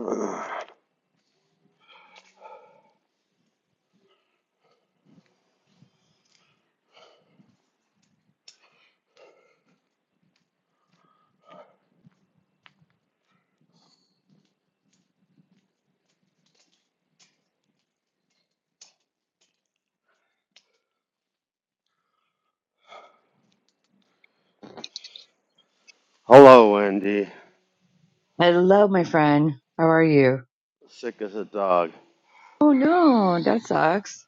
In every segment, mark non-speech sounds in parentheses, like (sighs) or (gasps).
(sighs) Hello, Andy. Hello, my friend. How are you? Sick as a dog. Oh no, that sucks.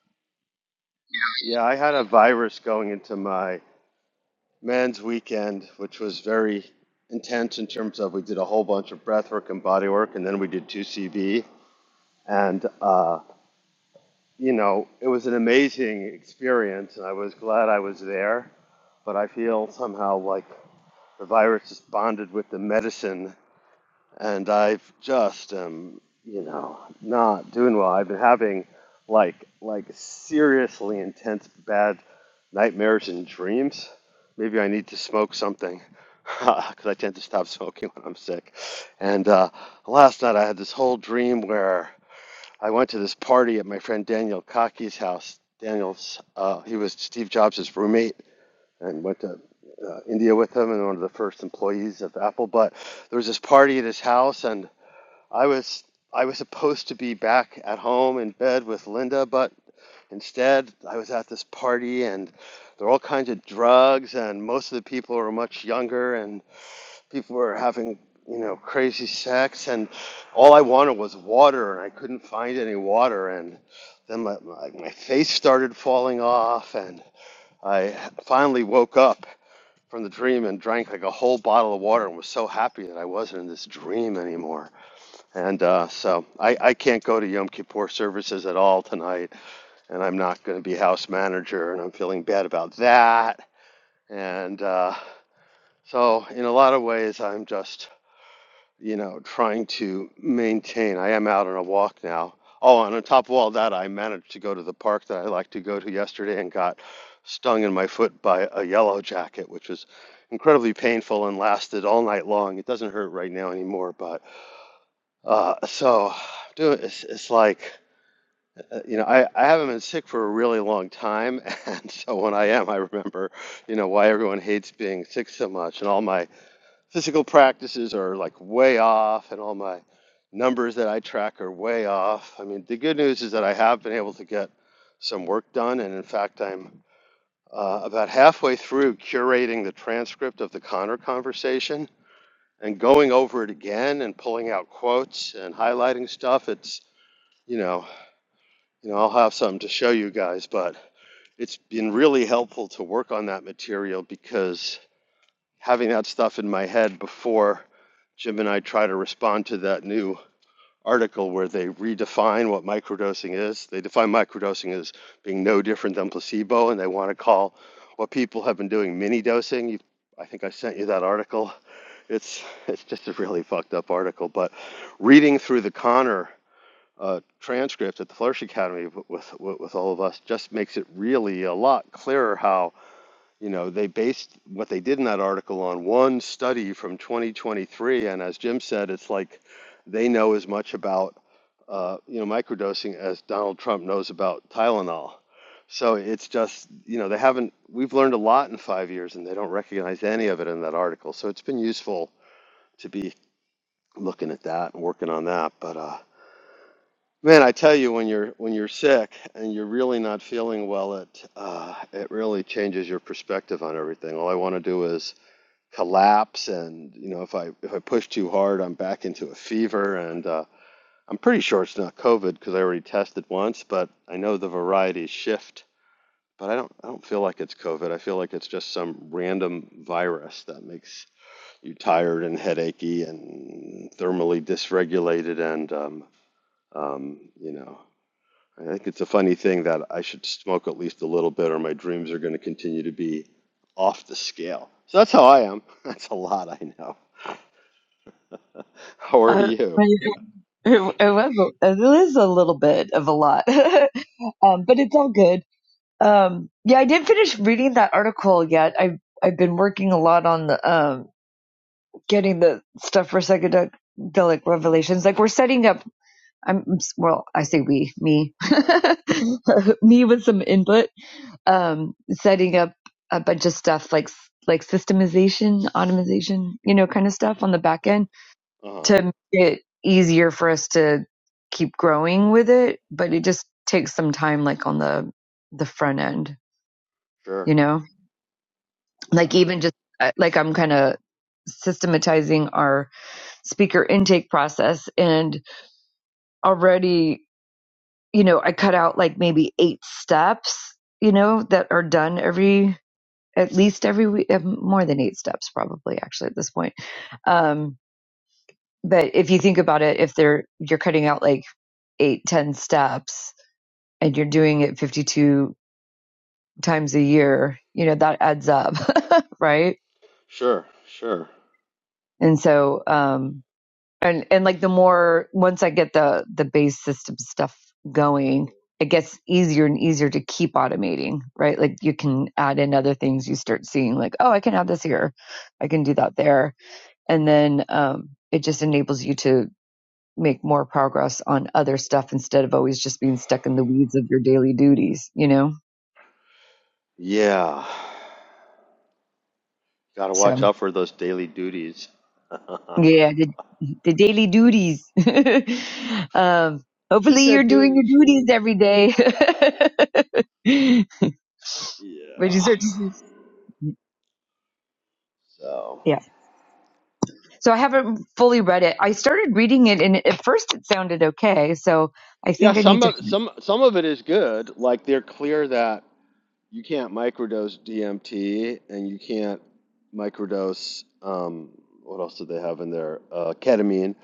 Yeah, I had a virus going into my man's weekend, which was very intense in terms of we did a whole bunch of breath work and body work, and then we did 2CB. And, uh, you know, it was an amazing experience, and I was glad I was there. But I feel somehow like the virus is bonded with the medicine and I've just um you know not doing well. I've been having like like seriously intense bad nightmares and dreams. Maybe I need to smoke something (laughs) because I tend to stop smoking when I'm sick. And uh, last night I had this whole dream where I went to this party at my friend Daniel Kaki's house. Daniel's uh, he was Steve Jobs' roommate and went to uh, India with him and one of the first employees of Apple. But there was this party at his house and I was I was supposed to be back at home in bed with Linda, but instead I was at this party and there were all kinds of drugs and most of the people were much younger and people were having you know crazy sex and all I wanted was water and I couldn't find any water and then my, my, my face started falling off and I finally woke up from the dream and drank like a whole bottle of water and was so happy that I wasn't in this dream anymore. And uh, so I, I can't go to Yom Kippur services at all tonight, and I'm not going to be house manager, and I'm feeling bad about that. And uh, so, in a lot of ways, I'm just, you know, trying to maintain. I am out on a walk now. Oh, and on top of all that, I managed to go to the park that I like to go to yesterday and got stung in my foot by a yellow jacket, which was incredibly painful and lasted all night long. It doesn't hurt right now anymore, but uh, so do it's, it's like Uh, You know, I, I haven't been sick for a really long time, (laughs) and so when I am, I remember, you know, why everyone hates being sick so much, and all my physical practices are like way off, and all my numbers that I track are way off. I mean, the good news is that I have been able to get some work done, and in fact, I'm uh, about halfway through curating the transcript of the Connor conversation and going over it again and pulling out quotes and highlighting stuff. It's, you know, you know, I'll have something to show you guys, but. It's been really helpful to work on that material because having that stuff in my head before Jim and I try to respond to that new article where they redefine what microdosing is. They define microdosing as being no different than placebo, and they want to call what people have been doing mini dosing. You, I think I sent you that article. It's it's just a really fucked up article, but reading through the Connor uh, transcript at the Flourish Academy with, with with all of us just makes it really a lot clearer how you know, they based what they did in that article on one study from 2023, and as Jim said, it's like they know as much about uh, you know microdosing as Donald Trump knows about Tylenol. So it's just you know they haven't. We've learned a lot in five years, and they don't recognize any of it in that article. So it's been useful to be looking at that and working on that. But uh, man, I tell you, when you're when you're sick and you're really not feeling well, it uh, it really changes your perspective on everything. All I want to do is collapse and you know if I if I push too hard I'm back into a fever and uh, I'm pretty sure it's not COVID because I already tested once but I know the varieties shift but I don't I don't feel like it's COVID I feel like it's just some random virus that makes you tired and headachy and thermally dysregulated and um, um, you know I think it's a funny thing that I should smoke at least a little bit or my dreams are going to continue to be off the scale so that's how I am (laughs) that's a lot I know. (laughs) How are Uh, (laughs) you? it, it was it is a little bit of a lot, (laughs) um, but it's all good. Um, yeah, I didn't finish reading that article yet. I've I've been working a lot on the um, getting the stuff for psychedelic revelations. Like we're setting up. I'm well. I say we, me, (laughs) me with some input um, setting up a bunch of stuff like like systemization, automation, you know, kind of stuff on the back Uh end huh. to make it easier for us to keep growing with it. But it just takes some time, like on the the front end, Sure. you know, like Yeah. even just uh, like I'm kind of systematizing our speaker intake process and already you know i cut out like maybe eight steps you know that are done every at least every week, uh, more than eight steps probably actually at this point. Um, but if you think about it, if they're you're cutting out like eight, ten steps, and you're doing it 52 times a year, you know that adds up, (laughs) right? Sure. Sure. And so, um, and and like the more once I get the the base system stuff going. It gets easier and easier to keep automating, right? Like you can add in other things. You start seeing, like, oh, I can add this here, I can do that there, and then um, it just enables you to make more progress on other stuff instead of always just being stuck in the weeds of your daily duties you know Yeah. Gotta watch so out for those daily duties. (laughs) yeah the, the daily duties (laughs) um she hopefully you're said doing duties. your She... duties every day (laughs) which is Yeah. So. yeah so i haven't fully read it i started reading it and at first it sounded okay so i Yeah. think i need Some to of some some of it is good. Like they're clear that you can't microdose DMT and you can't microdose um what else do they have in there? Uh, ketamine.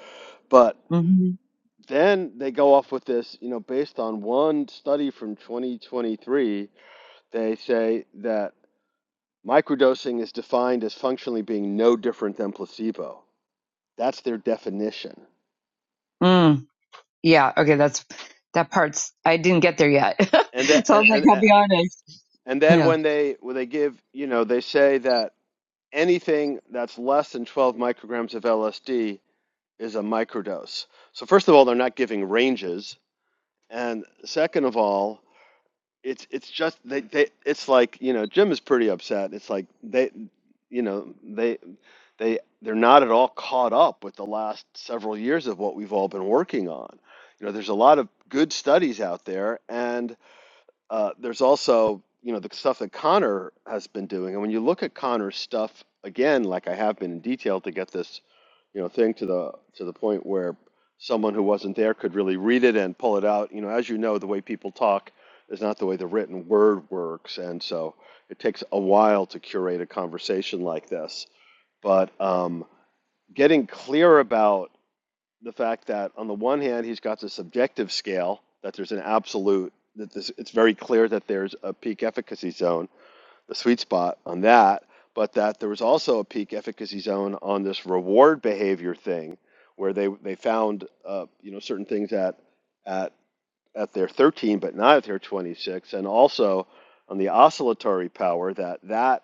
But Mhm. then they go off with this, you know, based on one study from 2023, they say that microdosing is defined as functionally being no different than placebo. That's their definition. Yeah, okay, that's that part's I didn't get there yet. (laughs) And that so and I'm like, and I'll be and honest. and then Yeah. when they when they give, you know, they say that anything that's less than 12 micrograms of LSD is a microdose. So first of all, they're not giving ranges, and second of all, it's it's just they they it's like you know Jim is pretty upset. It's like they you know they they they're not at all caught up with the last several years of what we've all been working on. You know, there's a lot of good studies out there, and uh, there's also, you know, the stuff that Connor has been doing. And when you look at Connor's stuff again, like I have been in detail to get this, you know, thing to the to the point where someone who wasn't there could really read it and pull it out. You know, as you know, the way people talk is not the way the written word works, and so it takes a while to curate a conversation like this. But um, getting clear about the fact that on the one hand he's got the subjective scale that there's an absolute that this it's very clear that there's a peak efficacy zone the sweet spot on that but that there was also a peak efficacy zone on this reward behavior thing where they they found uh, you know certain things at at at their 13 but not at their 26 and also on the oscillatory power that that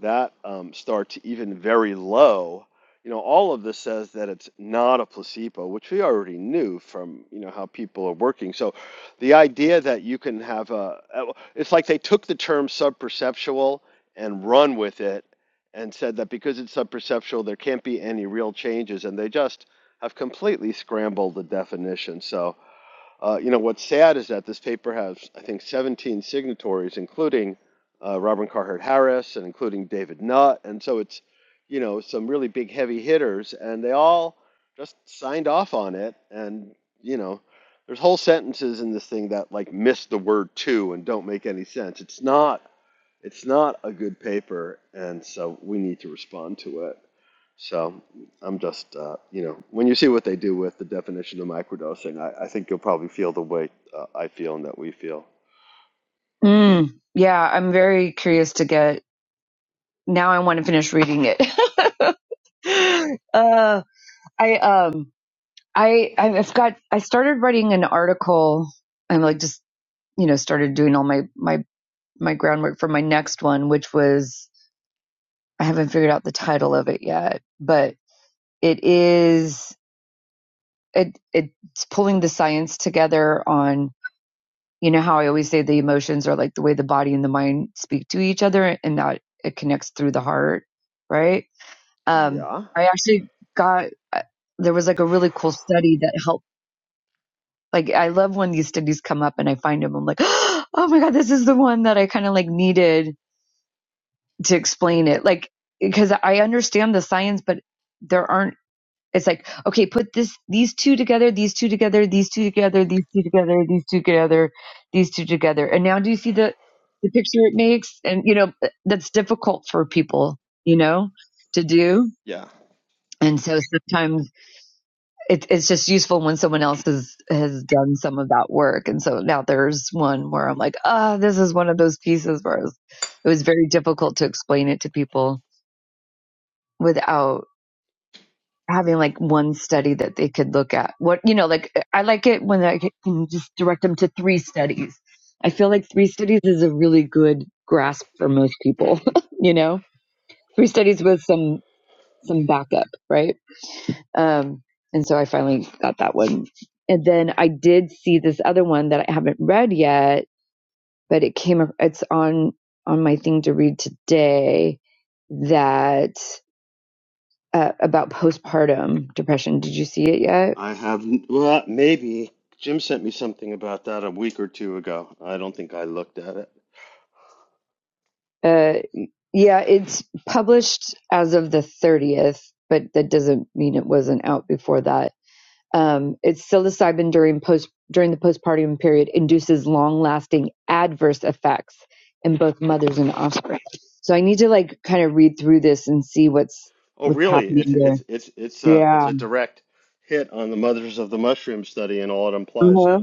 that um, starts even very low you know all of this says that it's not a placebo which we already knew from you know how people are working so the idea that you can have a uh, it's like they took the term subperceptual and run with it and said that because it's subperceptual there can't be any real changes and they just have completely scrambled the definition so uh, you know, what's sad is that this paper has, I think, 17 signatories, including uh, Robin Carhart Harris and including David Nutt. And so it's, you know, some really big heavy hitters, and they all just signed off on it. And, you know, there's whole sentences in this thing that like miss the word to and don't make any sense. It's not. It's not a good paper, and so we need to respond to it. So I'm just, uh, you know, when you see what they do with the definition of microdosing, I, I think you'll probably feel the way uh, I feel and that we feel. Mm, yeah, I'm very curious to get now I want to finish reading it. (laughs) uh I um I I've got I started writing an article. I'm like just, you know, started doing all my my my groundwork for my next one, which was I haven't figured out the title of it yet, but it is it it's pulling the science together on. you know how I always say the emotions are like the way the body and the mind speak to each other and that it connects through the heart, right? Um, Yeah. I actually got, uh, there was like a really cool study that helped. Like, I love when these studies come up and I find them. I'm like, (gasps) oh my God, this is the one that I kind of like needed to explain it. Like, because I understand the science, but there aren't it's like, okay, put this these two together, these two together, these two together, these two together, these two together, these two together. And now do you see the the picture it makes? And you know, that's difficult for people, you know, to do. Yeah. And so sometimes it, it's just useful when someone else has has done some of that work. And so now there's one where I'm like, ah, this is one of those pieces where it was, it was very difficult to explain it to people without having like one study that they could look at. What you know, like I like it when I can just direct them to three studies. I feel like three studies is a really good grasp for most people. (laughs) you know, three studies with some some backup, right? Um, and so I finally got that one, and then I did see this other one that I haven't read yet, but it came. ac- It's on on my thing to read today that uh, about postpartum depression. Did you see it yet? I have, well, maybe Jim sent me something about that a week or two ago. I don't think I looked at it. Uh, yeah, it's published as of the 30th, but that doesn't mean it wasn't out before that. Um, it's psilocybin during post during the postpartum period induces long lasting adverse effects in both mothers and offspring. So I need to like kind of read through this and see what's Oh, what's really? happening It's it's there. it's it's a Yeah. it's a direct hit on the Mothers of the Mushroom study and all it implies, Uh-huh. huh?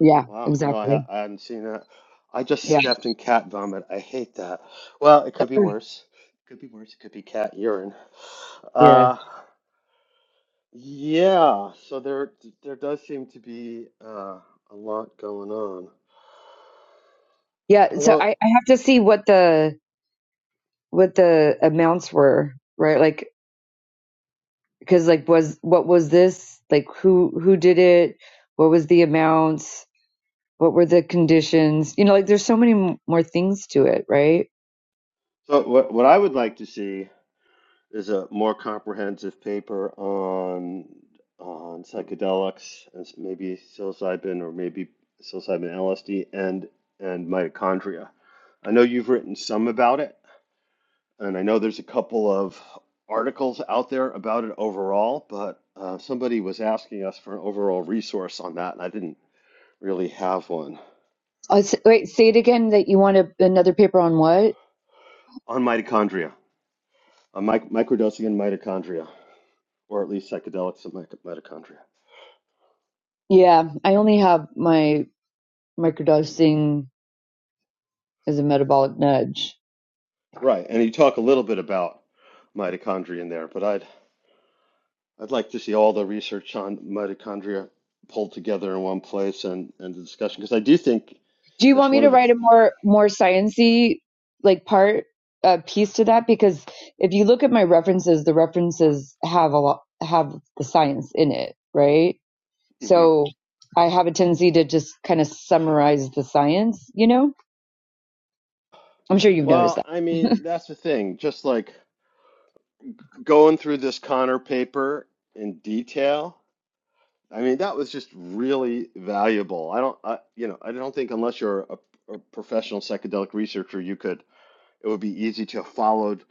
Yeah. Wow, no, I, Exactly. ha I hadn't seen that. I just Yeah. stepped in cat vomit. I hate that. Well, it could be worse. It could be worse. It could be cat urine. Yeah. Uh, yeah. So there, there does seem to be uh, a lot going on. Yeah. So Hello. I, I have to see what the what the amounts were, right? Like because like was what was this like who who did it what was the amounts what were the conditions you know like there's so many m- more things to it right So what, what I would like to see. There's a more comprehensive paper on on psychedelics, and s- maybe psilocybin or maybe psilocybin LSD and and mitochondria. I know you've written some about it, and I know there's a couple of articles out there about it overall, but uh, somebody was asking us for an overall resource on that, and I didn't really have one oh, s- wait say it again that you want a, another paper on what on mitochondria, on mic- microdosing in mitochondria, or at least psychedelics in mic- mitochondria. yeah i only have my microdosing as a metabolic nudge Right, and you talk a little bit about mitochondria in there, but I'd I'd like to see all the research on mitochondria pulled together in one place and and the discussion because I do think do you want that's me one to of the. write a more more sciency like part uh, piece to that because if you look at my references the references have a lot have the science in it right Mhm. So I have a tendency to just kind of summarize the science, you know? I'm sure you've noticed Well, I mean that. (laughs) that's the thing. Just like going through this Connor paper in detail, I mean that was just really valuable. I don't, I you know, I don't think unless you're a, a professional psychedelic researcher, you could. it would be easy to have followed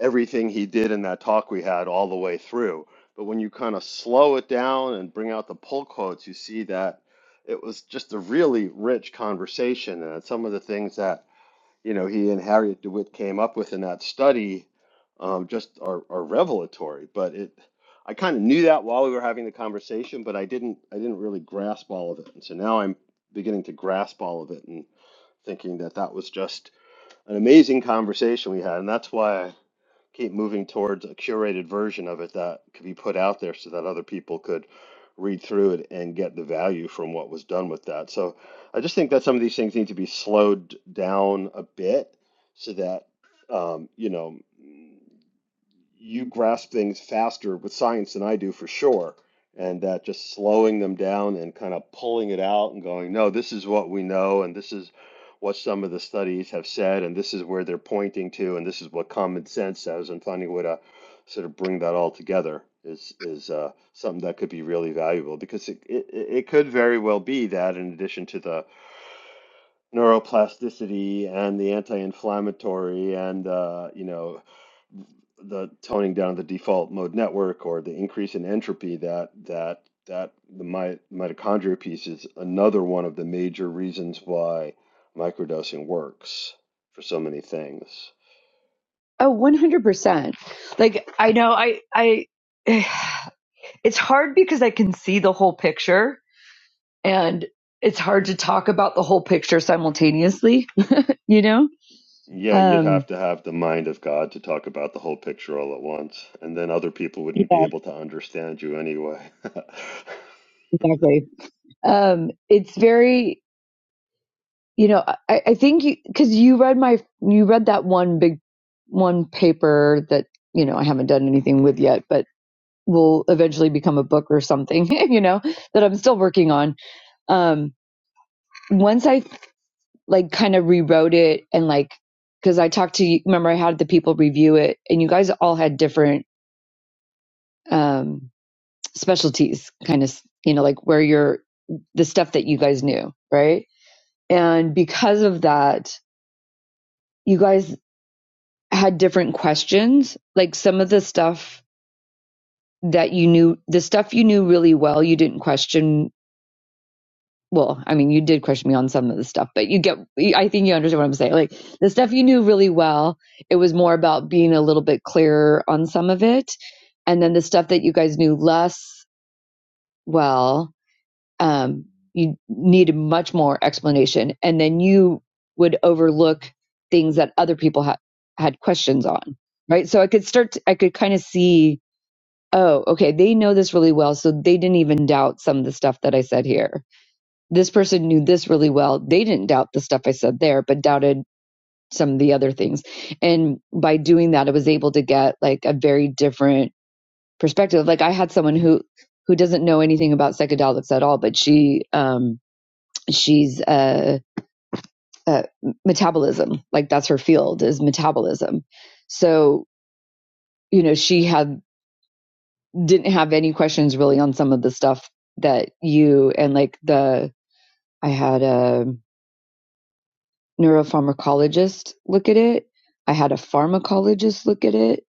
everything he did in that talk we had all the way through. But when you kind of slow it down and bring out the pull quotes, you see that it was just a really rich conversation. And some of the things that, you know, he and Harriet DeWitt came up with in that study um, just are, are revelatory. But it, I kind of knew that while we were having the conversation, but I didn't, I didn't really grasp all of it. And so now I'm beginning to grasp all of it and thinking that that was just an amazing conversation we had, and that's why I keep moving towards a curated version of it that could be put out there so that other people could read through it and get the value from what was done with that. So I just think that some of these things need to be slowed down a bit so that um, you know you grasp things faster with science than I do for sure. And that just slowing them down and kind of pulling it out and going, no, this is what we know, and this is what some of the studies have said, and this is where they're pointing to, and this is what common sense says, and finding a way to sort of bring that all together is is uh, something that could be really valuable because it, it it could very well be that in addition to the neuroplasticity and the anti-inflammatory and uh, you know the toning down the default mode network or the increase in entropy that that that the mi- mitochondria piece is another one of the major reasons why microdosing works for so many things. Oh, 100%. Like I know I I (sighs) it's hard because I can see the whole picture and it's hard to talk about the whole picture simultaneously, (laughs) you know? Yeah, you'd have Um to have the mind of God to talk about the whole picture all at once, and then other people wouldn't be yeah, able to understand you anyway. (laughs) exactly. Um it's very you know i, I think you because you read my you read that one big one paper that you know i haven't done anything with yet but will eventually become a book or something (laughs) you know that i'm still working on um once i like kind of rewrote it and like because i talked to you remember i had the people review it and you guys all had different um specialties kind of you know like where you're the stuff that you guys knew right and because of that you guys had different questions. Like some of the stuff that you knew, the stuff you knew really well, you didn't question. Well, I mean, you did question me on some of the stuff, but you get, I think you understand what I'm saying. Like the stuff you knew really well, it was more about being a little bit clearer on some of it. And then the stuff that you guys knew less well, um, you needed much more explanation. And then you would overlook things that other people had had questions on right so i could start to, i could kind of see Oh, okay. They know this really well. So they didn't even doubt some of the stuff that I said here. This person knew this really well. They didn't doubt the stuff I said there, but doubted some of the other things. And by doing that, I was able to get like a very different perspective. Like I had someone who, who doesn't know anything about psychedelics at all, but she, um, she's, uh, uh, metabolism. Like that's her field is metabolism. So, you know, she had didn't have any questions really on some of the stuff that you and like the I had a neuropharmacologist look at it. I had a pharmacologist look at it.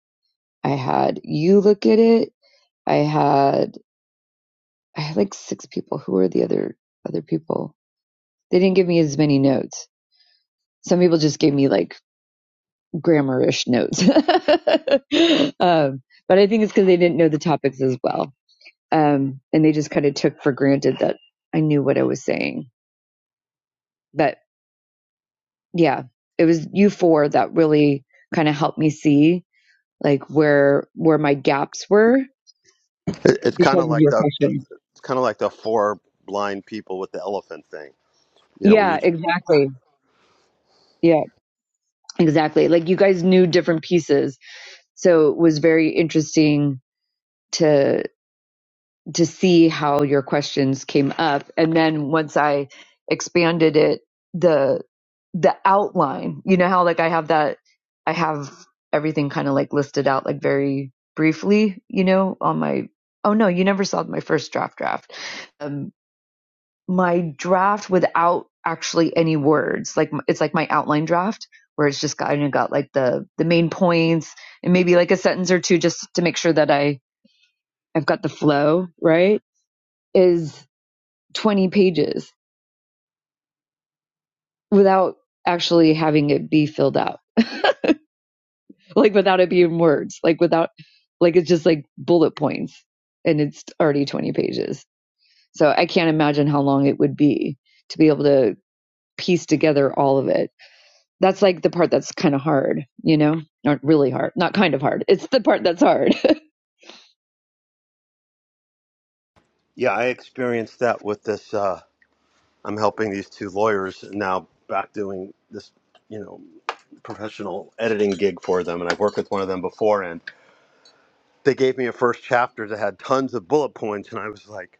I had you look at it. I had I had like six people. Who were the other other people? They didn't give me as many notes. Some people just gave me like grammarish notes. (laughs) um, but I think it's because they didn't know the topics as well. Um, and they just kind of took for granted that I knew what I was saying. But yeah it was you four that really kind of helped me see like where where my gaps were It- It's kind because of of like your the the- questions it's kind of like the four blind people with the elephant thing. You know, we yeah each. exactly yeah exactly like you guys knew different pieces so it was very interesting to to see how your questions came up and then once i expanded it the the outline you know how like i have that i have everything kind of like listed out like very briefly you know on my oh no you never saw my first draft draft um my draft without actually any words like it's like my outline draft where it's just kind of got like the the main points and maybe like a sentence or two just to make sure that i i've got the flow right is 20 pages without actually having it be filled out like without it being words like without like it's just like bullet points and it's already 20 pages so i can't imagine how long it would be to be able to piece together all of it that's like the part that's kind of hard you know not really hard not kind of hard it's the part that's hard (laughs) Yeah, I experienced that with this. uh. I'm helping these two lawyers now bring this, you know, professional editing gig with one of their end. They gave me a first chapter that had tons of bullet points, and I was like,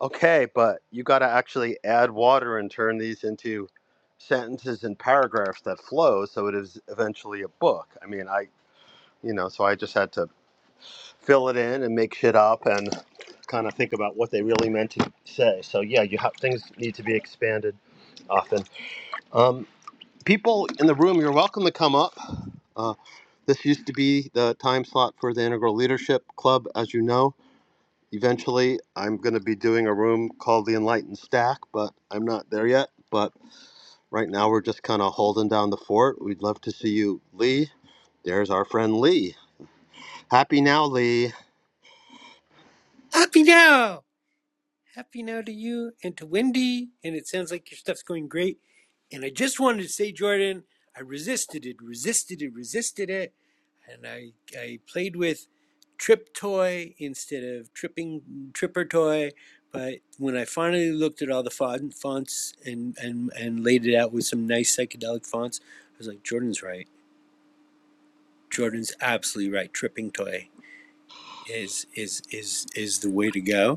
okay, but you got to actually add water and turn these into sentences and paragraphs that flow, so it is eventually a book. I mean, I, you know, so I just had to fill it in and make shit up and kind of think about what they really meant to say. So yeah, you have things need to be expanded often. Um, people in the room, you're welcome to come up Uh, this is the Ship Club, as you know. Eventually, I'm going to be doing a room called the Enlightened Stack, but I'm not there yet. But right now, we're for you, Lee. There, Lee. happy. Happy now! Happy now to you and to Wendy. And it sounds like your stuff's going great. And I just wanted to say, Jordan, I resisted it, resisted it, resisted it. And I, I played with Trip Toy instead of Tripping Tripper Toy. But when I finally looked at all the fon- fonts and, and, and laid it out with some nice psychedelic fonts, I was like, Jordan's right. Jordan's absolutely right. Tripping Toy is is is is the way to go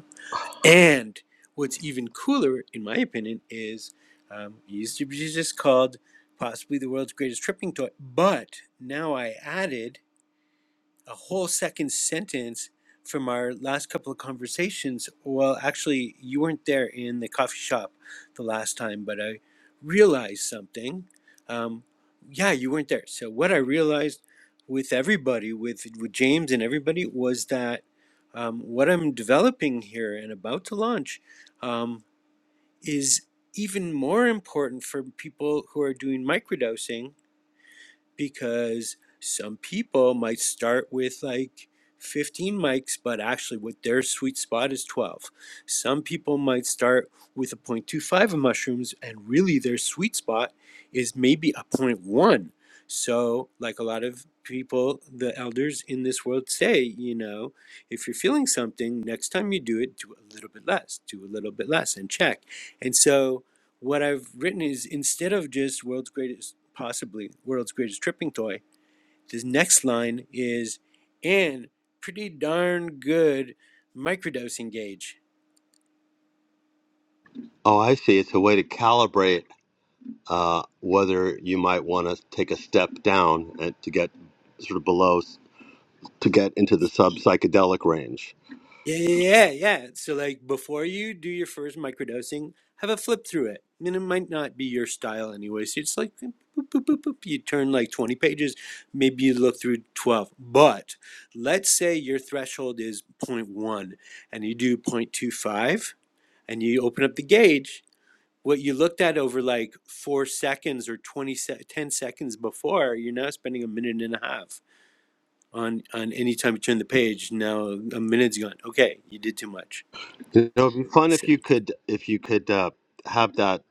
And what's even cooler, in my opinion, is um, it used to be just called possibly the world's greatest tripping toy, but now I added a whole second sentence from our last couple of conversations. Well, actually, you weren't there in the coffee shop the last time, but I realized something. Um, yeah, you weren't there. So, what I realized with everybody, with, with James and everybody, was that um, what I'm developing here and about to launch um, is even more important for people who are doing microdosing because some people might start with like 15 mics, but actually, what their sweet spot is 12. Some people might start with a 0.25 of mushrooms, and really their sweet spot is maybe a zero point 0.1. So, like a lot of people, the elders in this world say, you know, if you're feeling something, next time you do it, do a little bit less, do a little bit less, and check. And so, what I've written is instead of just world's greatest, possibly world's greatest tripping toy, this next line is and pretty darn good microdosing gauge. Oh, I see. It's a way to calibrate uh, whether you might want to take a step down and to get sort of below to get into the sub psychedelic range. Yeah, yeah, yeah, yeah. yeah. So, like, before you do your first microdosing, have a flip through it. And it might not be your style anyway. So, it's like, boop, boop, boop, boop. you turn like 20 pages, maybe you look through 12. But let's say your threshold is zero point 0.1 and you do 0.25 and you open up the gauge, what you looked at over like four seconds or 20 10 seconds before, you're now spending a minute and a half on on any time you turn the page. Now a minute's gone. Okay, you did too much. You know, it'd be fun So if you could if you could uh, have that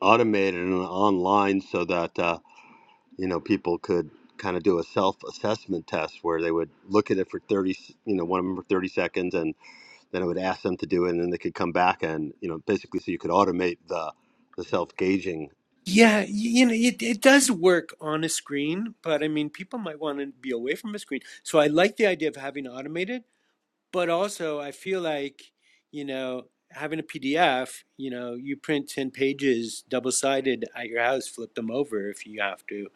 automated and online so that. Uh, you know, people could kind of do a self-assessment test where they would look at it for 30. you know, one of them for 30 seconds, and then I would ask them to do it, and then they could come back and, you know, basically so you could automate the the self-gauging. yeah, you know it, it does work on a screen, but I mean people might want to be away from a screen. So I like the idea of having automated but also I feel like you know having a PDF, you know, you print ten pages double sided at your house, flip them over if you have to,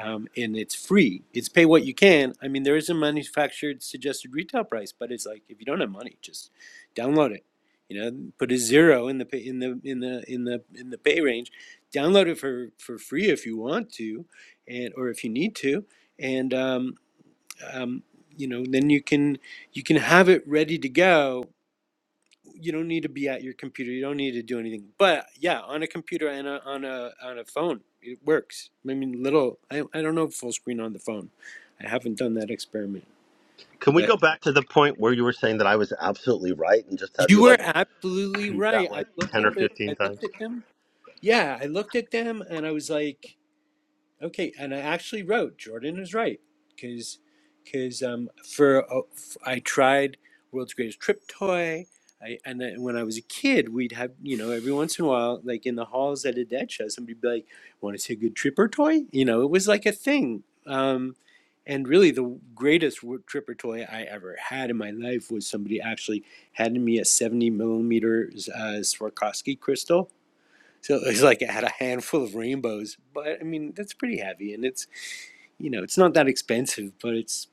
um, and it's free. It's pay what you can. I mean, there is a manufactured suggested retail price, but it's like if you don't have money, just download it. You know, put a zero in the pay, in the in the in the in the pay range. Download it for for free if you want to, and or if you need to, and um, um, you know then you can you can have it ready to go you don't need to be at your computer you don't need to do anything but yeah on a computer and a, on a on a phone it works i mean little I, I don't know if full screen on the phone i haven't done that experiment Can we but go back to the point where you were saying that I was absolutely right and just have you you were like absolutely repeat right that i like looked 10 or at the i 15 times? looked at them yeah i looked at them and i was like Okay, and I actually wrote Jordan is right because because um for oh, f- I tried World's Greatest Trip Toy. I, and then when I was a kid, we'd have you know every once in a while, like in the halls at a dad show, somebody'd be like, "Want to see a good tripper toy?" You know, it was like a thing. Um, and really, the greatest wo- tripper toy I ever had in my life was somebody actually handed me a seventy millimeters uh, Swarovski crystal, so (laughs) it's like I had a handful of rainbows, but I mean that's pretty heavy, and it's you know it's not that expensive, but it's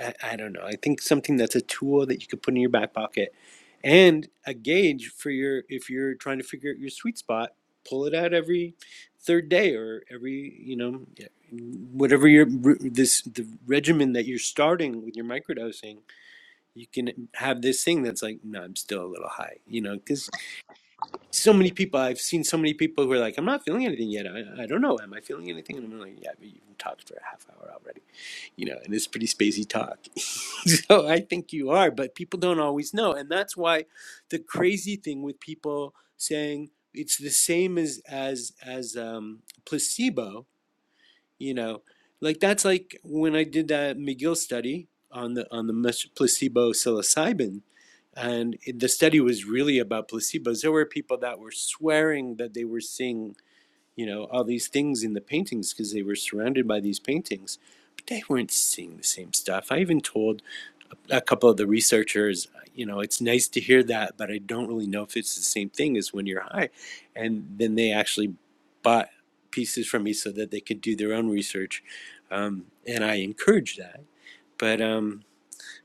I, I don't know. I think something that's a tool that you could put in your back pocket, and a gauge for your if you're trying to figure out your sweet spot. Pull it out every third day or every you know whatever your this the regimen that you're starting with your microdosing. You can have this thing that's like no, I'm still a little high, you know, because so many people I've seen so many people who are like, I'm not feeling anything yet. I, I don't know. Am I feeling anything? And I'm like, yeah, but you've talked for a half hour already, you know, and it's pretty spacey talk. (laughs) so I think you are, but people don't always know. And that's why the crazy thing with people saying it's the same as, as, as, um, placebo you know like that's like when i did that mcgill study on the on the placebo psilocybin and the study was really about placebos there were people that were swearing that they were seeing you know all these things in the paintings because they were surrounded by these paintings but they weren't seeing the same stuff i even told a couple of the researchers, you know, it's nice to hear that, but I don't really know if it's the same thing as when you're high. And then they actually bought pieces from me so that they could do their own research, um, and I encourage that. But um,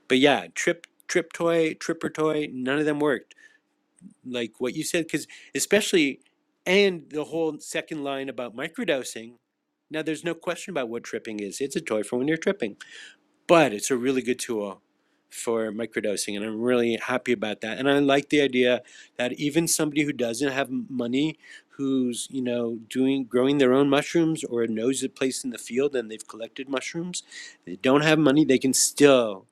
but yeah, trip trip toy, tripper toy, none of them worked. Like what you said, because especially and the whole second line about microdosing. Now, there's no question about what tripping is. It's a toy for when you're tripping but it's a really good tool for microdosing and i'm really happy about that and i like the idea that even somebody who doesn't have money who's you know doing growing their own mushrooms or knows a place in the field and they've collected mushrooms they don't have money they can still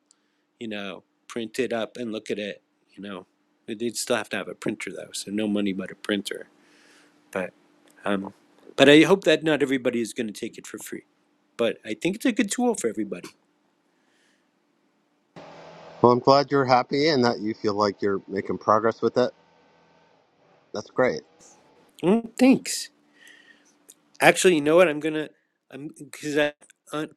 you know print it up and look at it you know They- they'd still have to have a printer though so no money but a printer but um but i hope that not everybody is going to take it for free but i think it's a good tool for everybody Well, I'm glad you're happy and that you feel like you're making progress with it. That's great. Mm, thanks Actually, you know what? I'm gonna I'm because I on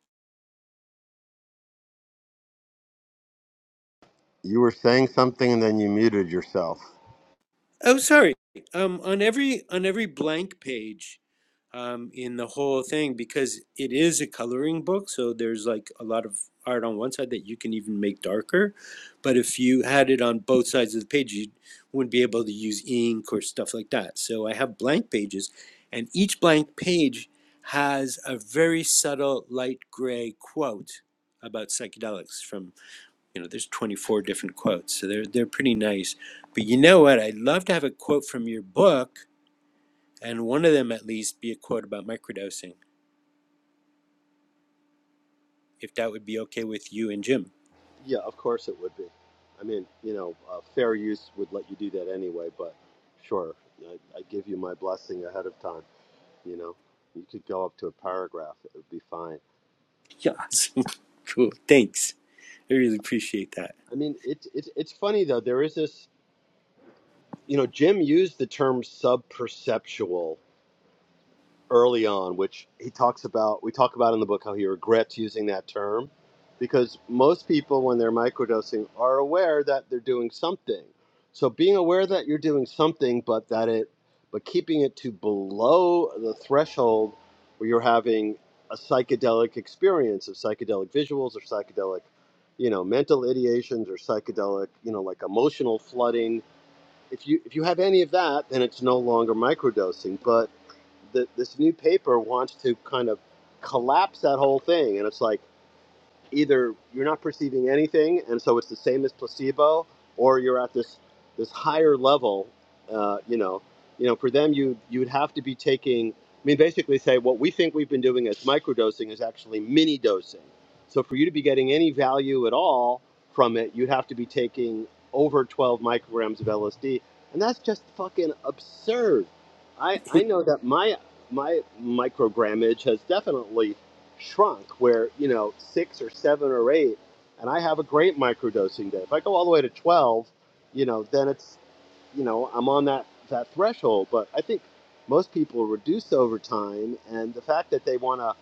You were saying something and then you muted yourself. oh sorry. Um on every on every blank page um in the whole thing because it is a coloring book, so there's like a lot of art on one side that you can even make darker. But if you had it on both sides of the page, you wouldn't be able to use ink or stuff like that. So I have blank pages and each blank page has a very subtle light gray quote about psychedelics from. you know there's 24 different quotes so they're they're pretty nice but you know what i'd love to have a quote from your book and one of them at least be a quote about microdosing if that would be okay with you and jim Yeah, of course it would be. I mean, you know, uh, fair use would let you do that anyway, but sure, I, I give you my blessing ahead of time. You know, you could go up to a paragraph; it would be fine. yeah awesome (laughs) cool thanks i really appreciate that I mean, it's it's it's funny though. There is this, you know, Jim used the term sub-perceptual early on, which he talks about. We talk about in the book how he regrets using that term because most people, when they're microdosing, are aware that they're doing something. So being aware that you're doing something, but that it, but keeping it to below the threshold where you're having a psychedelic experience of psychedelic visuals or psychedelic, you know, mental ideations or psychedelic, you know, like emotional flooding. If you if you have any of that, then it's no longer microdosing, but the, this new paper wants to kind of collapse that whole thing, and it's like either you're not perceiving anything, and so it's the same as placebo, or you're at this this higher level. Uh, you know, you know, for them, you you'd have to be taking. I mean, basically, say what we think we've been doing as microdosing is actually mini dosing. So for you to be getting any value at all from it, you'd have to be taking over 12 micrograms of LSD, and that's just fucking absurd. I I know that my my microgrammage has definitely shrunk where you know six or seven or eight and i have a great microdosing day if i go all the way to 12 you know then it's you know i'm on that that threshold but i think most people reduce over time and the fact that they want to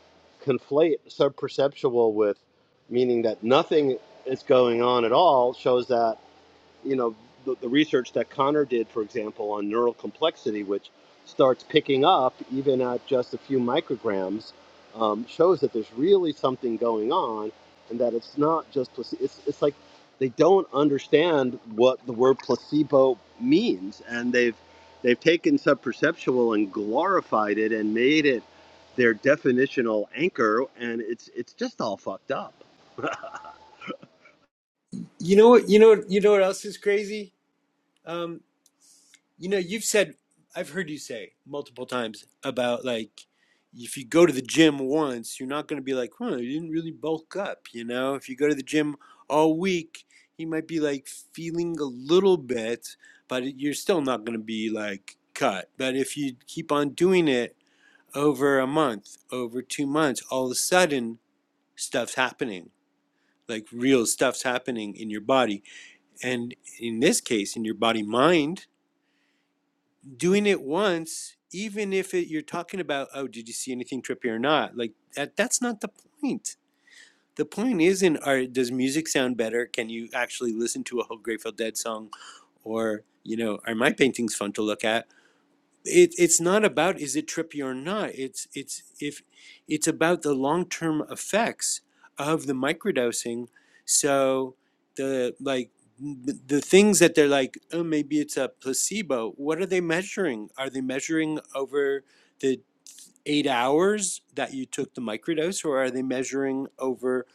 conflate subperceptual with meaning that nothing is going on at all shows that you know the, the research that Connor did, for example, on neural complexity, which starts picking up even at just a few micrograms, um, shows that there's really something going on, and that it's not just placebo. it's it's like they don't understand what the word placebo means, and they've they've taken subperceptual and glorified it and made it their definitional anchor, and it's it's just all fucked up. you know what you know what- you know what else is crazy Um, You know, you've said, I've heard you say multiple times about like, if you go to the gym once, you're not going to be like, huh, you didn't really bulk up. You know, if you go to the gym all week, you might be like feeling a little bit, but you're still not going to be like cut. But if you keep on doing it over a month, over two months, all of a sudden stuff's happening. Like real stuff's happening in your body. And in this case, in your body mind doing it once, even if it, you're talking about, oh, did you see anything trippy or not? Like that, that's not the point. The point isn't, are, does music sound better? Can you actually listen to a whole Grateful Dead song? Or, you know, are my paintings fun to look at? it, it's not about is it trippy or not. It's it's if it's about the long term effects of the microdosing. So the like the things that they're like, oh, maybe it's a placebo. What are they measuring? Are they measuring over the eight hours that you took the microdose, or are they measuring over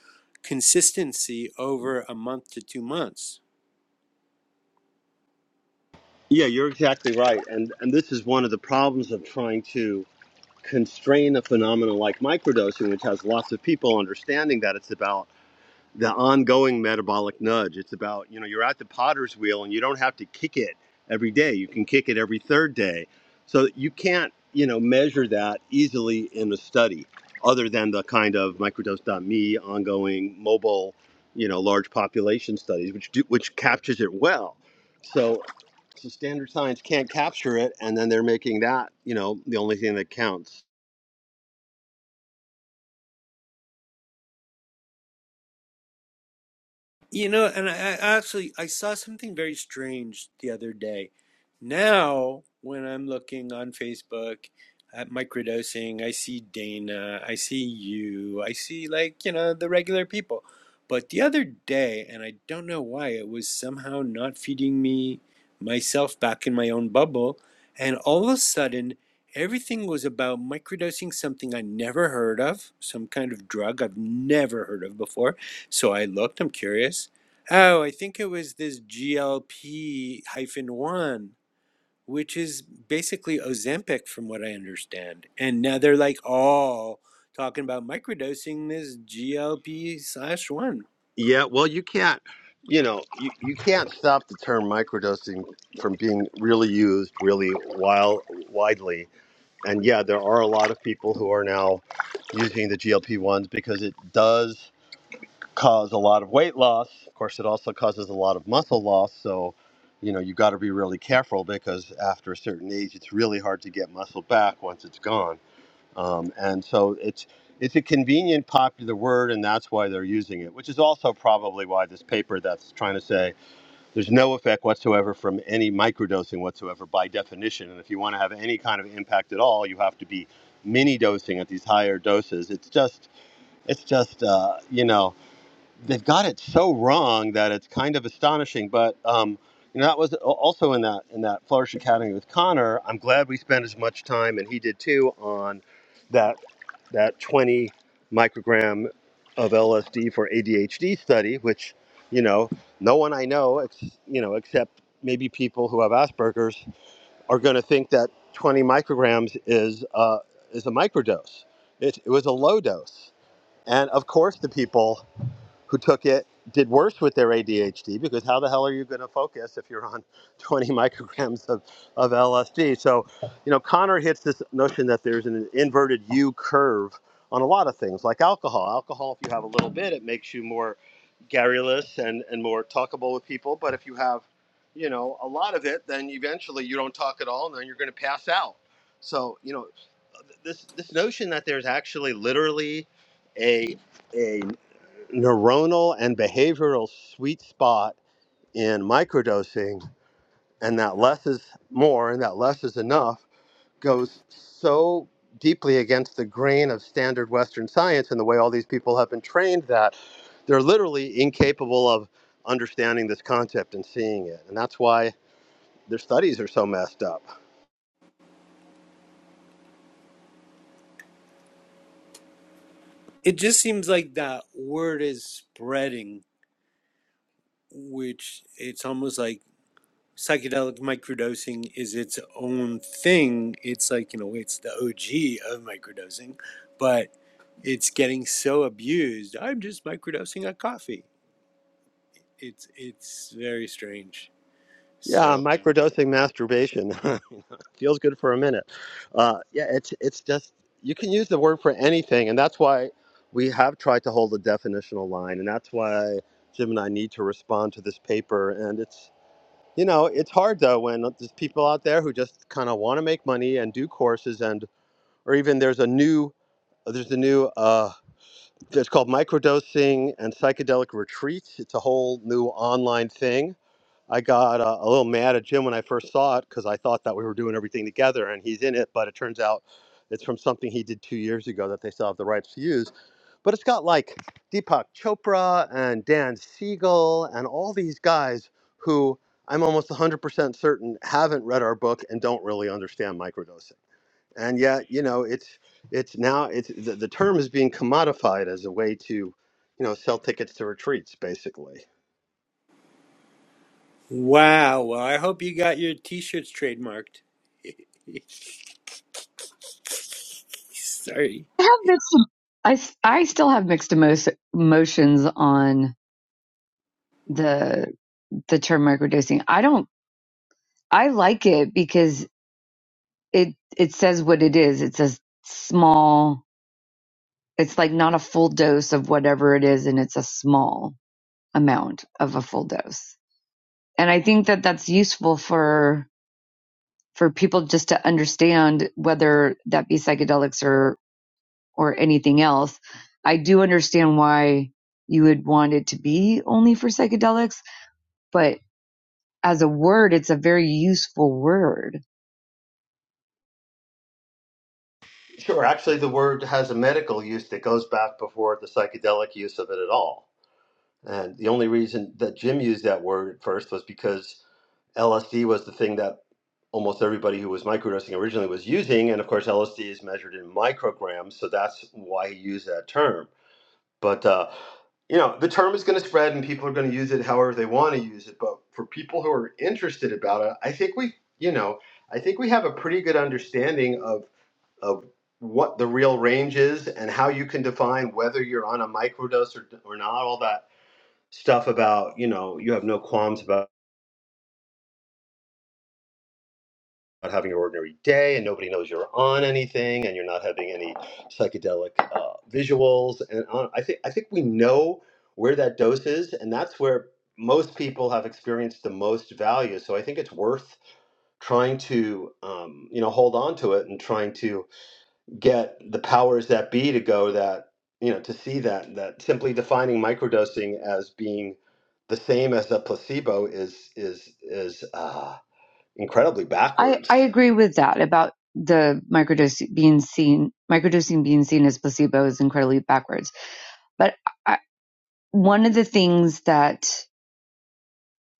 consistency over a month to two months? Yeah, you're exactly right, and and this is one of the problems of trying to constrain a phenomenon like microdosing, which has lots of people understanding that it's about the ongoing metabolic nudge. It's about, you know, you're at the potter's wheel and you don't have to kick it every day. You can kick it every third day. So you can't, you know, measure that easily in a study other than the kind of microdose dot me ongoing mobile, you know, large population studies, which do, which captures it well. So so standard science can't capture it, and then they're making that, you know, the only thing that counts. You know, and I, I actually I saw something very strange the other day. Now, when I'm looking on Facebook at microdosing, I see Dana, I see you, I see like, you know, the regular people. But the other day, and I don't know why, it was somehow not feeding me myself back in my own bubble, and all of a sudden everything was about microdosing something I never heard of, some kind of drug I've never heard of before so I looked, I'm curious. Oh, I think it was this GLP hyphen one, which is basically Ozempic from what I understand. And now they're like all talking about microdosing this GLP slash one. Yeah, well, you can't, you know, you, you can't stop the term microdosing from being really used really while, widely. And yeah, there are a lot of people who are now using the GLP 1s because it does cause a lot of weight loss. Of course, it also causes a lot of muscle loss. So, you know, you got to be really careful because after a certain age, it's really hard to get muscle back once it's gone. Um, and so it's it's a convenient popular word, and that's why they're using it, which is also probably why this paper that's trying to say there's no effect whatsoever from any microdosing whatsoever by definition. And if you want to have any kind of impact at all, you have to be mini dosing at these higher doses. It's just it's just uh, you know they've got it so wrong that it's kind of astonishing, but. Um, you know, that was also in that in that Flourish Academy with Connor. I'm glad we spent as much time, and he did too, on that that 20 microgram of LSD for ADHD study, which, you know, no one I know, ex- you know, except maybe people who have Asperger's are going to think that 20 micrograms is, uh, is a microdose. It, it was a low dose. And of course, the people who took it did worse with their ADHD because how the hell are you going to focus if you're on (laughs) 20 micrograms of, of LSD? So, you know, Connor hits this notion that there's an inverted U curve on a lot of things like alcohol. Alcohol, if you have a little bit, it makes you more garrulous and, and more talkable with people. But if you have, you know, a lot of it, then eventually you don't talk at all and then you're going to pass out. So, you know, this, this notion that there's actually literally a, a neuronal and behavioral sweet spot in microdosing and that less is more and that less is enough goes so deeply against the grain of standard western science and the way all these people have been trained that they're literally incapable of understanding this concept and seeing it and that's why their studies are so messed up It just seems like that word is spreading, which it's almost like psychedelic microdosing is its own thing. It's like, you know, it's the OG of microdosing. But it's getting so abused. I'm just microdosing a coffee. It's it's very strange. yeah So microdosing masturbation (laughs) feels good for a minute. Uh, yeah, it's it's just you can use the word for anything, and that's why we have tried to hold a definitional line, and that's why Jim and I need to respond to this paper. And it's you know it's hard though when there's people out there who just kind of want to make money and do courses, and or even there's a new there's a new uh, it's called microdosing and psychedelic retreats. It's a whole new online thing I got uh, a little mad at Jim when I first saw it because I thought that we were doing everything together and he's in it, but it turns out it's from something he did two years ago that they still have the rights to use. But it's got like Deepak Chopra and Dan Siegel and all these guys who I'm almost 100% certain haven't read our book and don't really understand microdosing. And yet, you know, it's it's now it's the, the term is being commodified as a way to, you know, sell tickets to retreats basically wow. Well, I hope you got your t-shirts trademarked. (laughs) Sorry. I have mixed. I s- I still have mixed emo- emotions on the the term microdosing. I don't. I like it because it it says what it is. It's a small. It's like not a full dose of whatever it is, and it's a small. amount of a full dose. And I think that that's useful for for people just to understand whether that be psychedelics or or anything else. I do understand why you would want it to be only for psychedelics, but as a word, it's a very useful word. Sure. Actually, the word has a medical use that goes back before the psychedelic use of it at all. And the only reason that Jim used that word at first was because LSD was the thing that almost everybody who was microdosing originally was using. And of course, LSD is measured in micrograms, so that's why he used that term. But, uh, you know, the term is going to spread and people are going to use it however they want to use it. But for people who are interested about it, I think we, you know, I think we have a pretty good understanding of of what the real range is and how you can define whether you're on a microdose or, or not all that stuff about you know you have no qualms about having an ordinary day and nobody knows you're on anything and you're not having any psychedelic uh, visuals and on, I think I think we know where that dose is and that's where most people have experienced the most value so I think it's worth trying to um, you know hold on to it and trying to get the powers that be to go that you know to see that that simply defining microdosing as being the same as a placebo is is is uh, incredibly I, backwards. I agree with that about the microdosing being seen, microdosing being seen as placebo is incredibly backwards. But I, one of the things that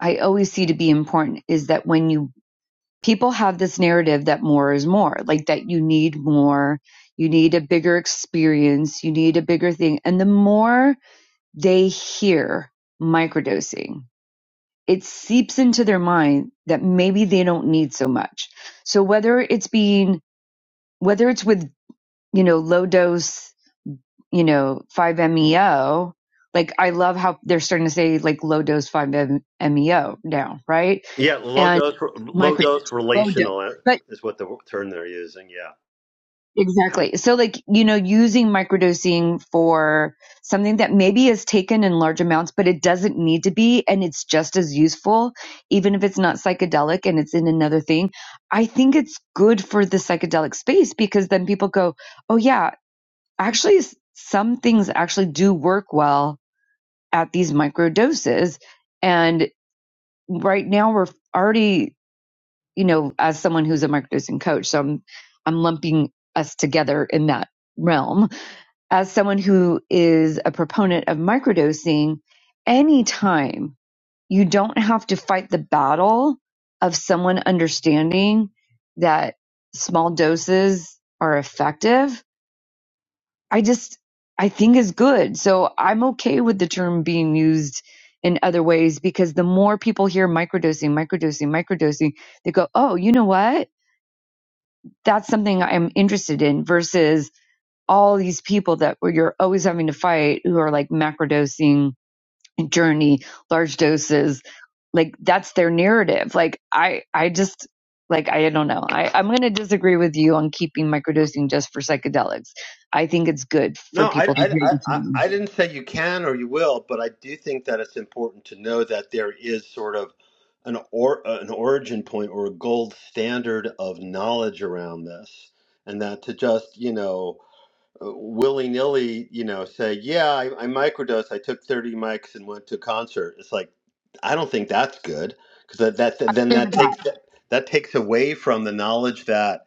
I always see to be important is that when you people have this narrative that more is more, like that you need more, you need a bigger experience, you need a bigger thing. And the more they hear microdosing, it seeps into their mind that maybe they don't need so much. So whether it's being, whether it's with, you know, low dose, you know, 5-MeO, like I love how they're starting to say like low dose 5-MeO now, right? Yeah, low And dose low micro dose low dose. relational but. is what the term they're using. Yeah. Exactly. So like, you know, using microdosing for something that maybe is taken in large amounts, but it doesn't need to be, and it's just as useful, even if it's not psychedelic and it's in another thing. I think it's good for the psychedelic space because then people go, oh yeah, actually s- some things actually do work well at these microdoses. And right now we're already, you know, as someone who's a microdosing coach, so I'm, I'm lumping us together in that realm as someone who is a proponent of microdosing, anytime you don't have to fight the battle of someone understanding that small doses are effective, I just, I think is good. So I'm okay with the term being used in other ways because the more people hear microdosing, microdosing, microdosing, they go, oh, you know what? That's something I'm interested in versus all these people that where you're always having to fight who are like macrodosing journey large doses like that's their narrative like i i just like i don't know I, i'm going to disagree with you on keeping microdosing just for psychedelics i think it's good No, for I, people to I, hear I, this I I didn't say you can or you will, but I do think that it's important to know that there is sort of an or uh, an origin point or a gold standard of knowledge around this, and that to just you know willy nilly, you know, say, yeah, I, I microdosed. I took 30 mics and went to a concert. It's like, I don't think that's good because that, that that- then that takes (laughs) that, that takes away from the knowledge that,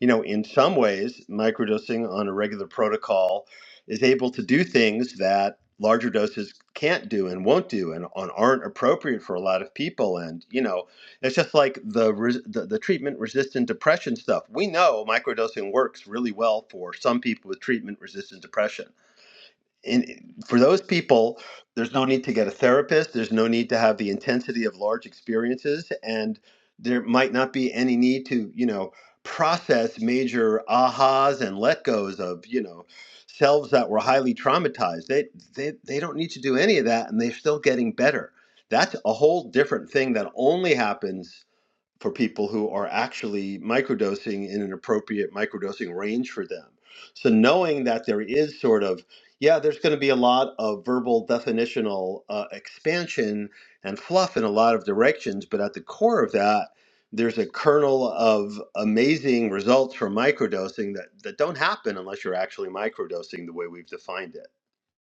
you know, in some ways, microdosing on a regular protocol is able to do things that larger doses can't do and won't do and, and aren't appropriate for a lot of people. And you know, it's just like the, res- the the treatment resistant depression stuff. We know microdosing works really well for some people with treatment resistant depression. And eh, for those people, there's no need to get a therapist. There's no need to have the intensity of large experiences, and there might not be any need to you know process major ahas and let goes of you know selves that were highly traumatized. They they they don't need to do any of that, and they're still getting better. That's a whole different thing that only happens for people who are actually microdosing in an appropriate microdosing range for them. So knowing that there is sort of yeah, there's going to be a lot of verbal definitional uh, expansion and fluff in a lot of directions, but at the core of that, there's a kernel of amazing results from microdosing that, that don't happen unless you're actually microdosing the way we've defined it.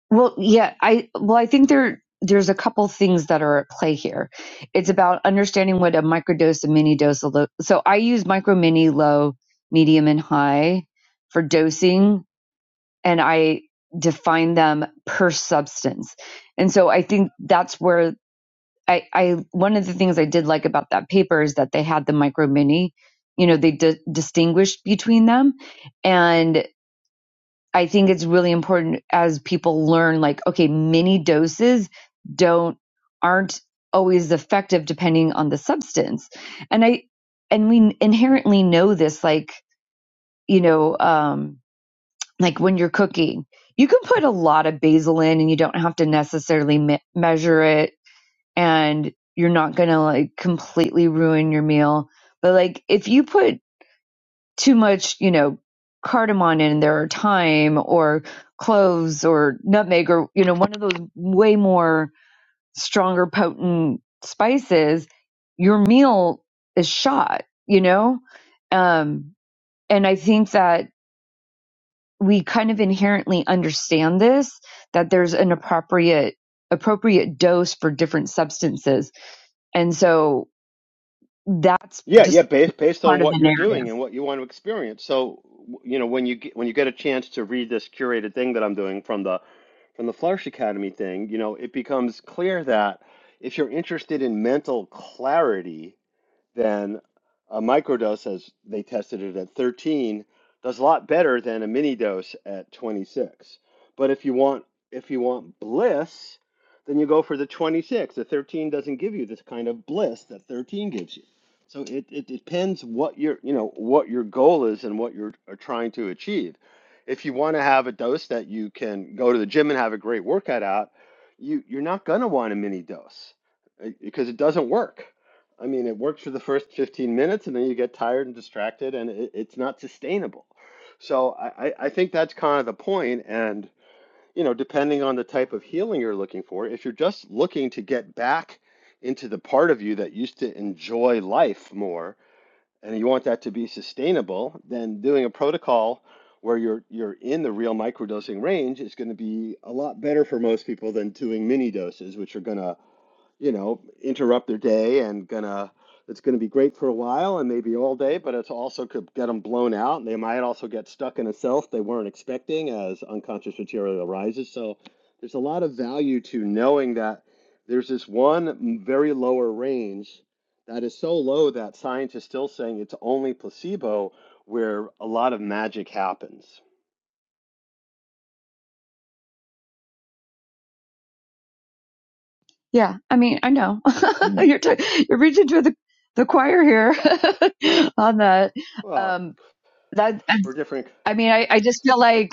Well, yeah, I well, I think there there's a couple things that are at play here. It's about understanding what a microdose, a mini dose, a low. So I use micro, mini, low, medium, and high for dosing and I define them per substance. And so I think that's where I, I one of the things I did like about that paper is that they had the micro mini, you know, they di- distinguished between them. And I think it's really important as people learn, like, okay, mini doses don't, aren't always effective depending on the substance. And I, and we inherently know this, like, you know, um, like when you're cooking. You can put a lot of basil in and you don't have to necessarily me- measure it and you're not going to like completely ruin your meal. But like if you put too much, you know, cardamom in there or thyme or cloves or nutmeg or, you know, one of those way more stronger potent spices, your meal is shot, you know? Um, and I think that we kind of inherently understand this that there's an appropriate appropriate dose for different substances and so that's Yeah, yeah, just based based part on of the what you're doing narrative and what you want to experience. So, w- you know, when you get, when you get a chance to read this curated thing that I'm doing from the from the Flourish Academy thing, you know, it becomes clear that if you're interested in mental clarity, then a microdose, as they tested it at 13, does a lot better than a mini dose at 26. But if you want if you want bliss, then you go for the 26. The 13 doesn't give you this kind of bliss that 13 gives you. So it, it depends what your you know what your goal is and what you're are trying to achieve. If you want to have a dose that you can go to the gym and have a great workout out, you you're not gonna want a mini dose uh, because it doesn't work I mean, it works for the first 15 minutes and then you get tired and distracted and it, it's not sustainable. So I, I I think that's kind of the point. And, you know, depending on the type of healing you're looking for, if you're just looking to get back into the part of you that used to enjoy life more and you want that to be sustainable, then doing a protocol where you're you're in the real microdosing range is going to be a lot better for most people than doing mini doses, which are going to you know, interrupt their day and gonna it's gonna be great for a while and maybe all day, but it's also could get them blown out. and They might also get stuck in a self they weren't expecting as unconscious material arises. So there's a lot of value to knowing that there's this one very lower range that is so low that science is still saying it's only placebo where a lot of magic happens. yeah i mean i know (laughs) you're t- you're reaching to the the choir here (laughs) on that Well, um that i, we're different. I mean I, I just feel like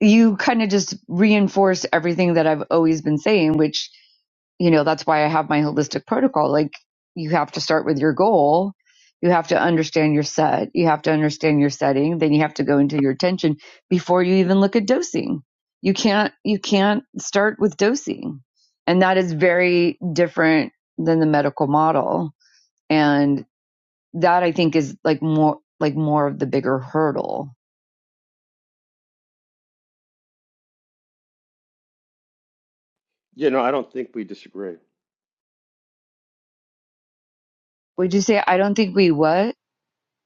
you kind of just reinforce everything that I've always been saying, which, you know, that's why I have my holistic protocol. Like, you have to start with your goal. You have to understand your set. You have to understand your setting. Then you have to go into your attention before you even look at dosing. You can't, you can't start with dosing. And that is very different than the medical model. And that I think is like more, like more of the bigger hurdle. You know, I don't think we disagree. Would you say, I don't think we what?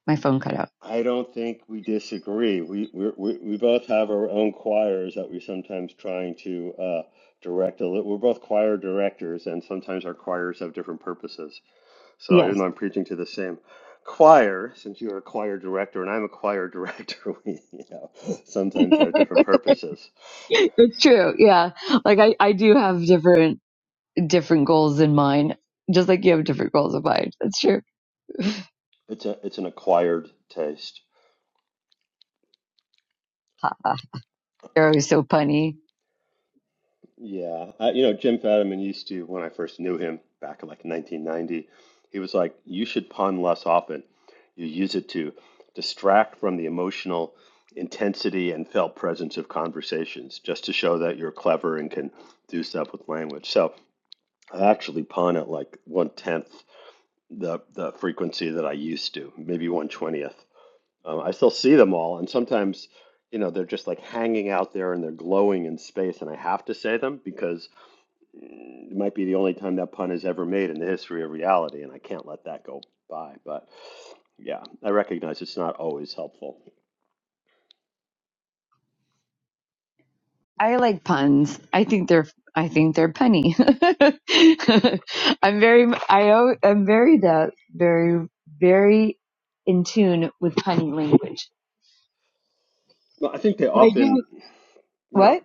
My phone cut out. I don't think we disagree. We we we we both have our own choirs that we sometimes trying to uh, direct. A li- we're both choir directors, and sometimes our choirs have different purposes. So Yes, even though I'm preaching to the same choir, since you're a choir director and I'm a choir director, (laughs) we you know (laughs) sometimes have different purposes. it's true. Yeah. Like I, I do have different, different goals in mind, just like you have different goals in mind. That's true. It's a it's an acquired taste. Ah, They're always so punny. Yeah, I, you know, Jim Fadiman used to, when I first knew him back in like 1990, he was like, you should pun less often. You use it to distract from the emotional intensity and felt presence of conversations, just to show that you're clever and can do stuff with language. So I actually pun at like one tenth the the frequency that I used to, maybe one twentieth. Um, I still see them all, and sometimes, you know, they're just like hanging out there and they're glowing in space, and I have to say them because it might be the only time that pun is ever made in the history of reality, and I can't let that go by. But yeah, I recognize it's not always helpful. I like puns. I think they're, I think they're punny. (laughs) I'm very, I, al- I'm very that, very, very in tune with punny language. Well, I think they But I often, do, you know, what?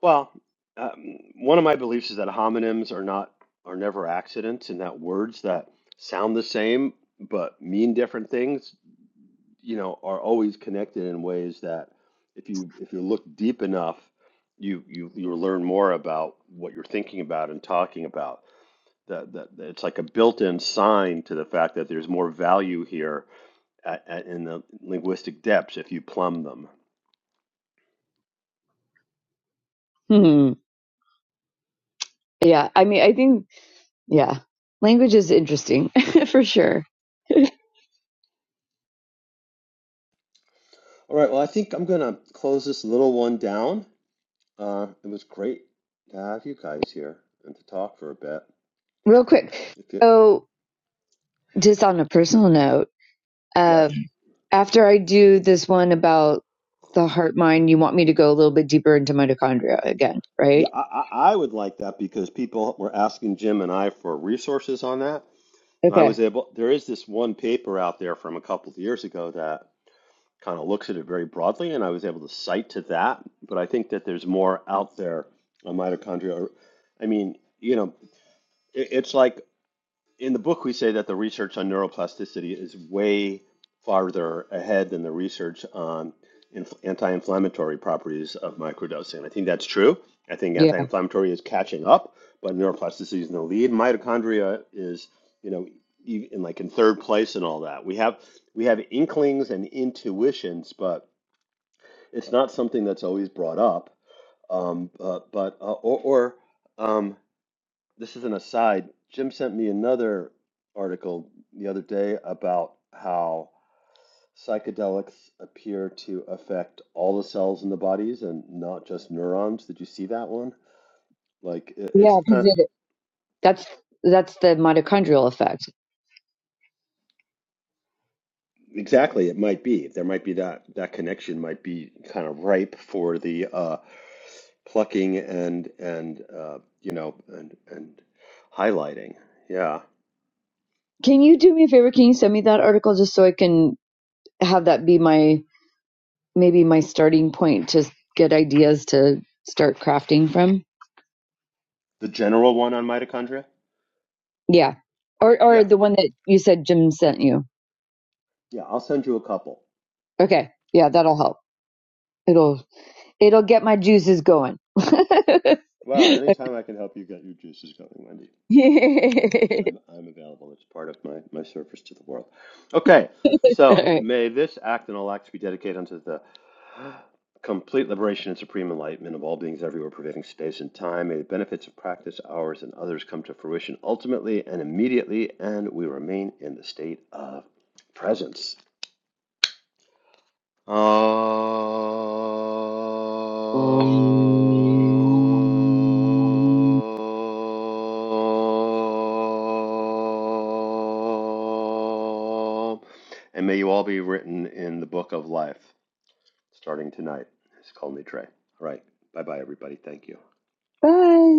well, um, one of my beliefs is that homonyms are not are never accidents, and that words that sound the same but mean different things, you know, are always connected in ways that if you if you look deep enough, you you you learn more about what you're thinking about and talking about. that, that that it's like a built-in sign to the fact that there's more value here at, at, in the linguistic depths if you plumb them. Hmm. Yeah. I mean, I think, yeah, language is interesting (laughs) for sure. All right, well, I think I'm going to close this little one down. Uh, it was great to have you guys here and to talk for a bit. Real quick. If you, So. just on a personal note, uh, yes. after I do this one about the heart mind, you want me to go a little bit deeper into mitochondria again, Yeah, right? I, I I would like that because people were asking Jim and I for resources on that. And I Okay. was able, there is this one paper out there from a couple of years ago that kind of looks at it very broadly, and I was able to cite to that. But I think that there's more out there on mitochondria. I mean, you know, it, it's like in the book, we say that the research on neuroplasticity is way farther ahead than the research on anti-inflammatory properties of microdosing. I think that's true. I think Yeah. anti-inflammatory is catching up, but neuroplasticity is in the lead. Mitochondria is, you know, e- in like in third place and all that. We have we have inklings and intuitions, but it's not something that's always brought up. Um, but but uh, or, or um, this is an aside. Jim sent me another article the other day about how psychedelics appear to affect all the cells in the bodies and not just neurons. Did you see that one? Like i- it's Yeah, because kind of, it that's that's the mitochondrial effect. exactly it might be. There might be that that connection might be kind of ripe for the uh plucking and and uh you know and and highlighting. Yeah. Can you do me a favor? Can you send me that article just so I can have that be my maybe my starting point to get ideas to start crafting from? The general one on mitochondria? Yeah. Or or Yeah. the one that you said Jim sent you. Yeah, I'll send you a couple. Okay. Yeah, that'll help. It'll It'll get my juices going. (laughs) Well, anytime I can help you get your juices going, Wendy, I'm, I'm available. It's part of my, my service to the world. Okay, All so right. may this act and all acts be dedicated unto the complete liberation and supreme enlightenment of all beings everywhere, pervading space and time. May the benefits of practice, ours and others, come to fruition ultimately and immediately, and we remain in the state of presence. Om. And may you all be written in the book of life starting tonight. It's called me Trey. All right. Bye bye, everybody. Thank you. Bye.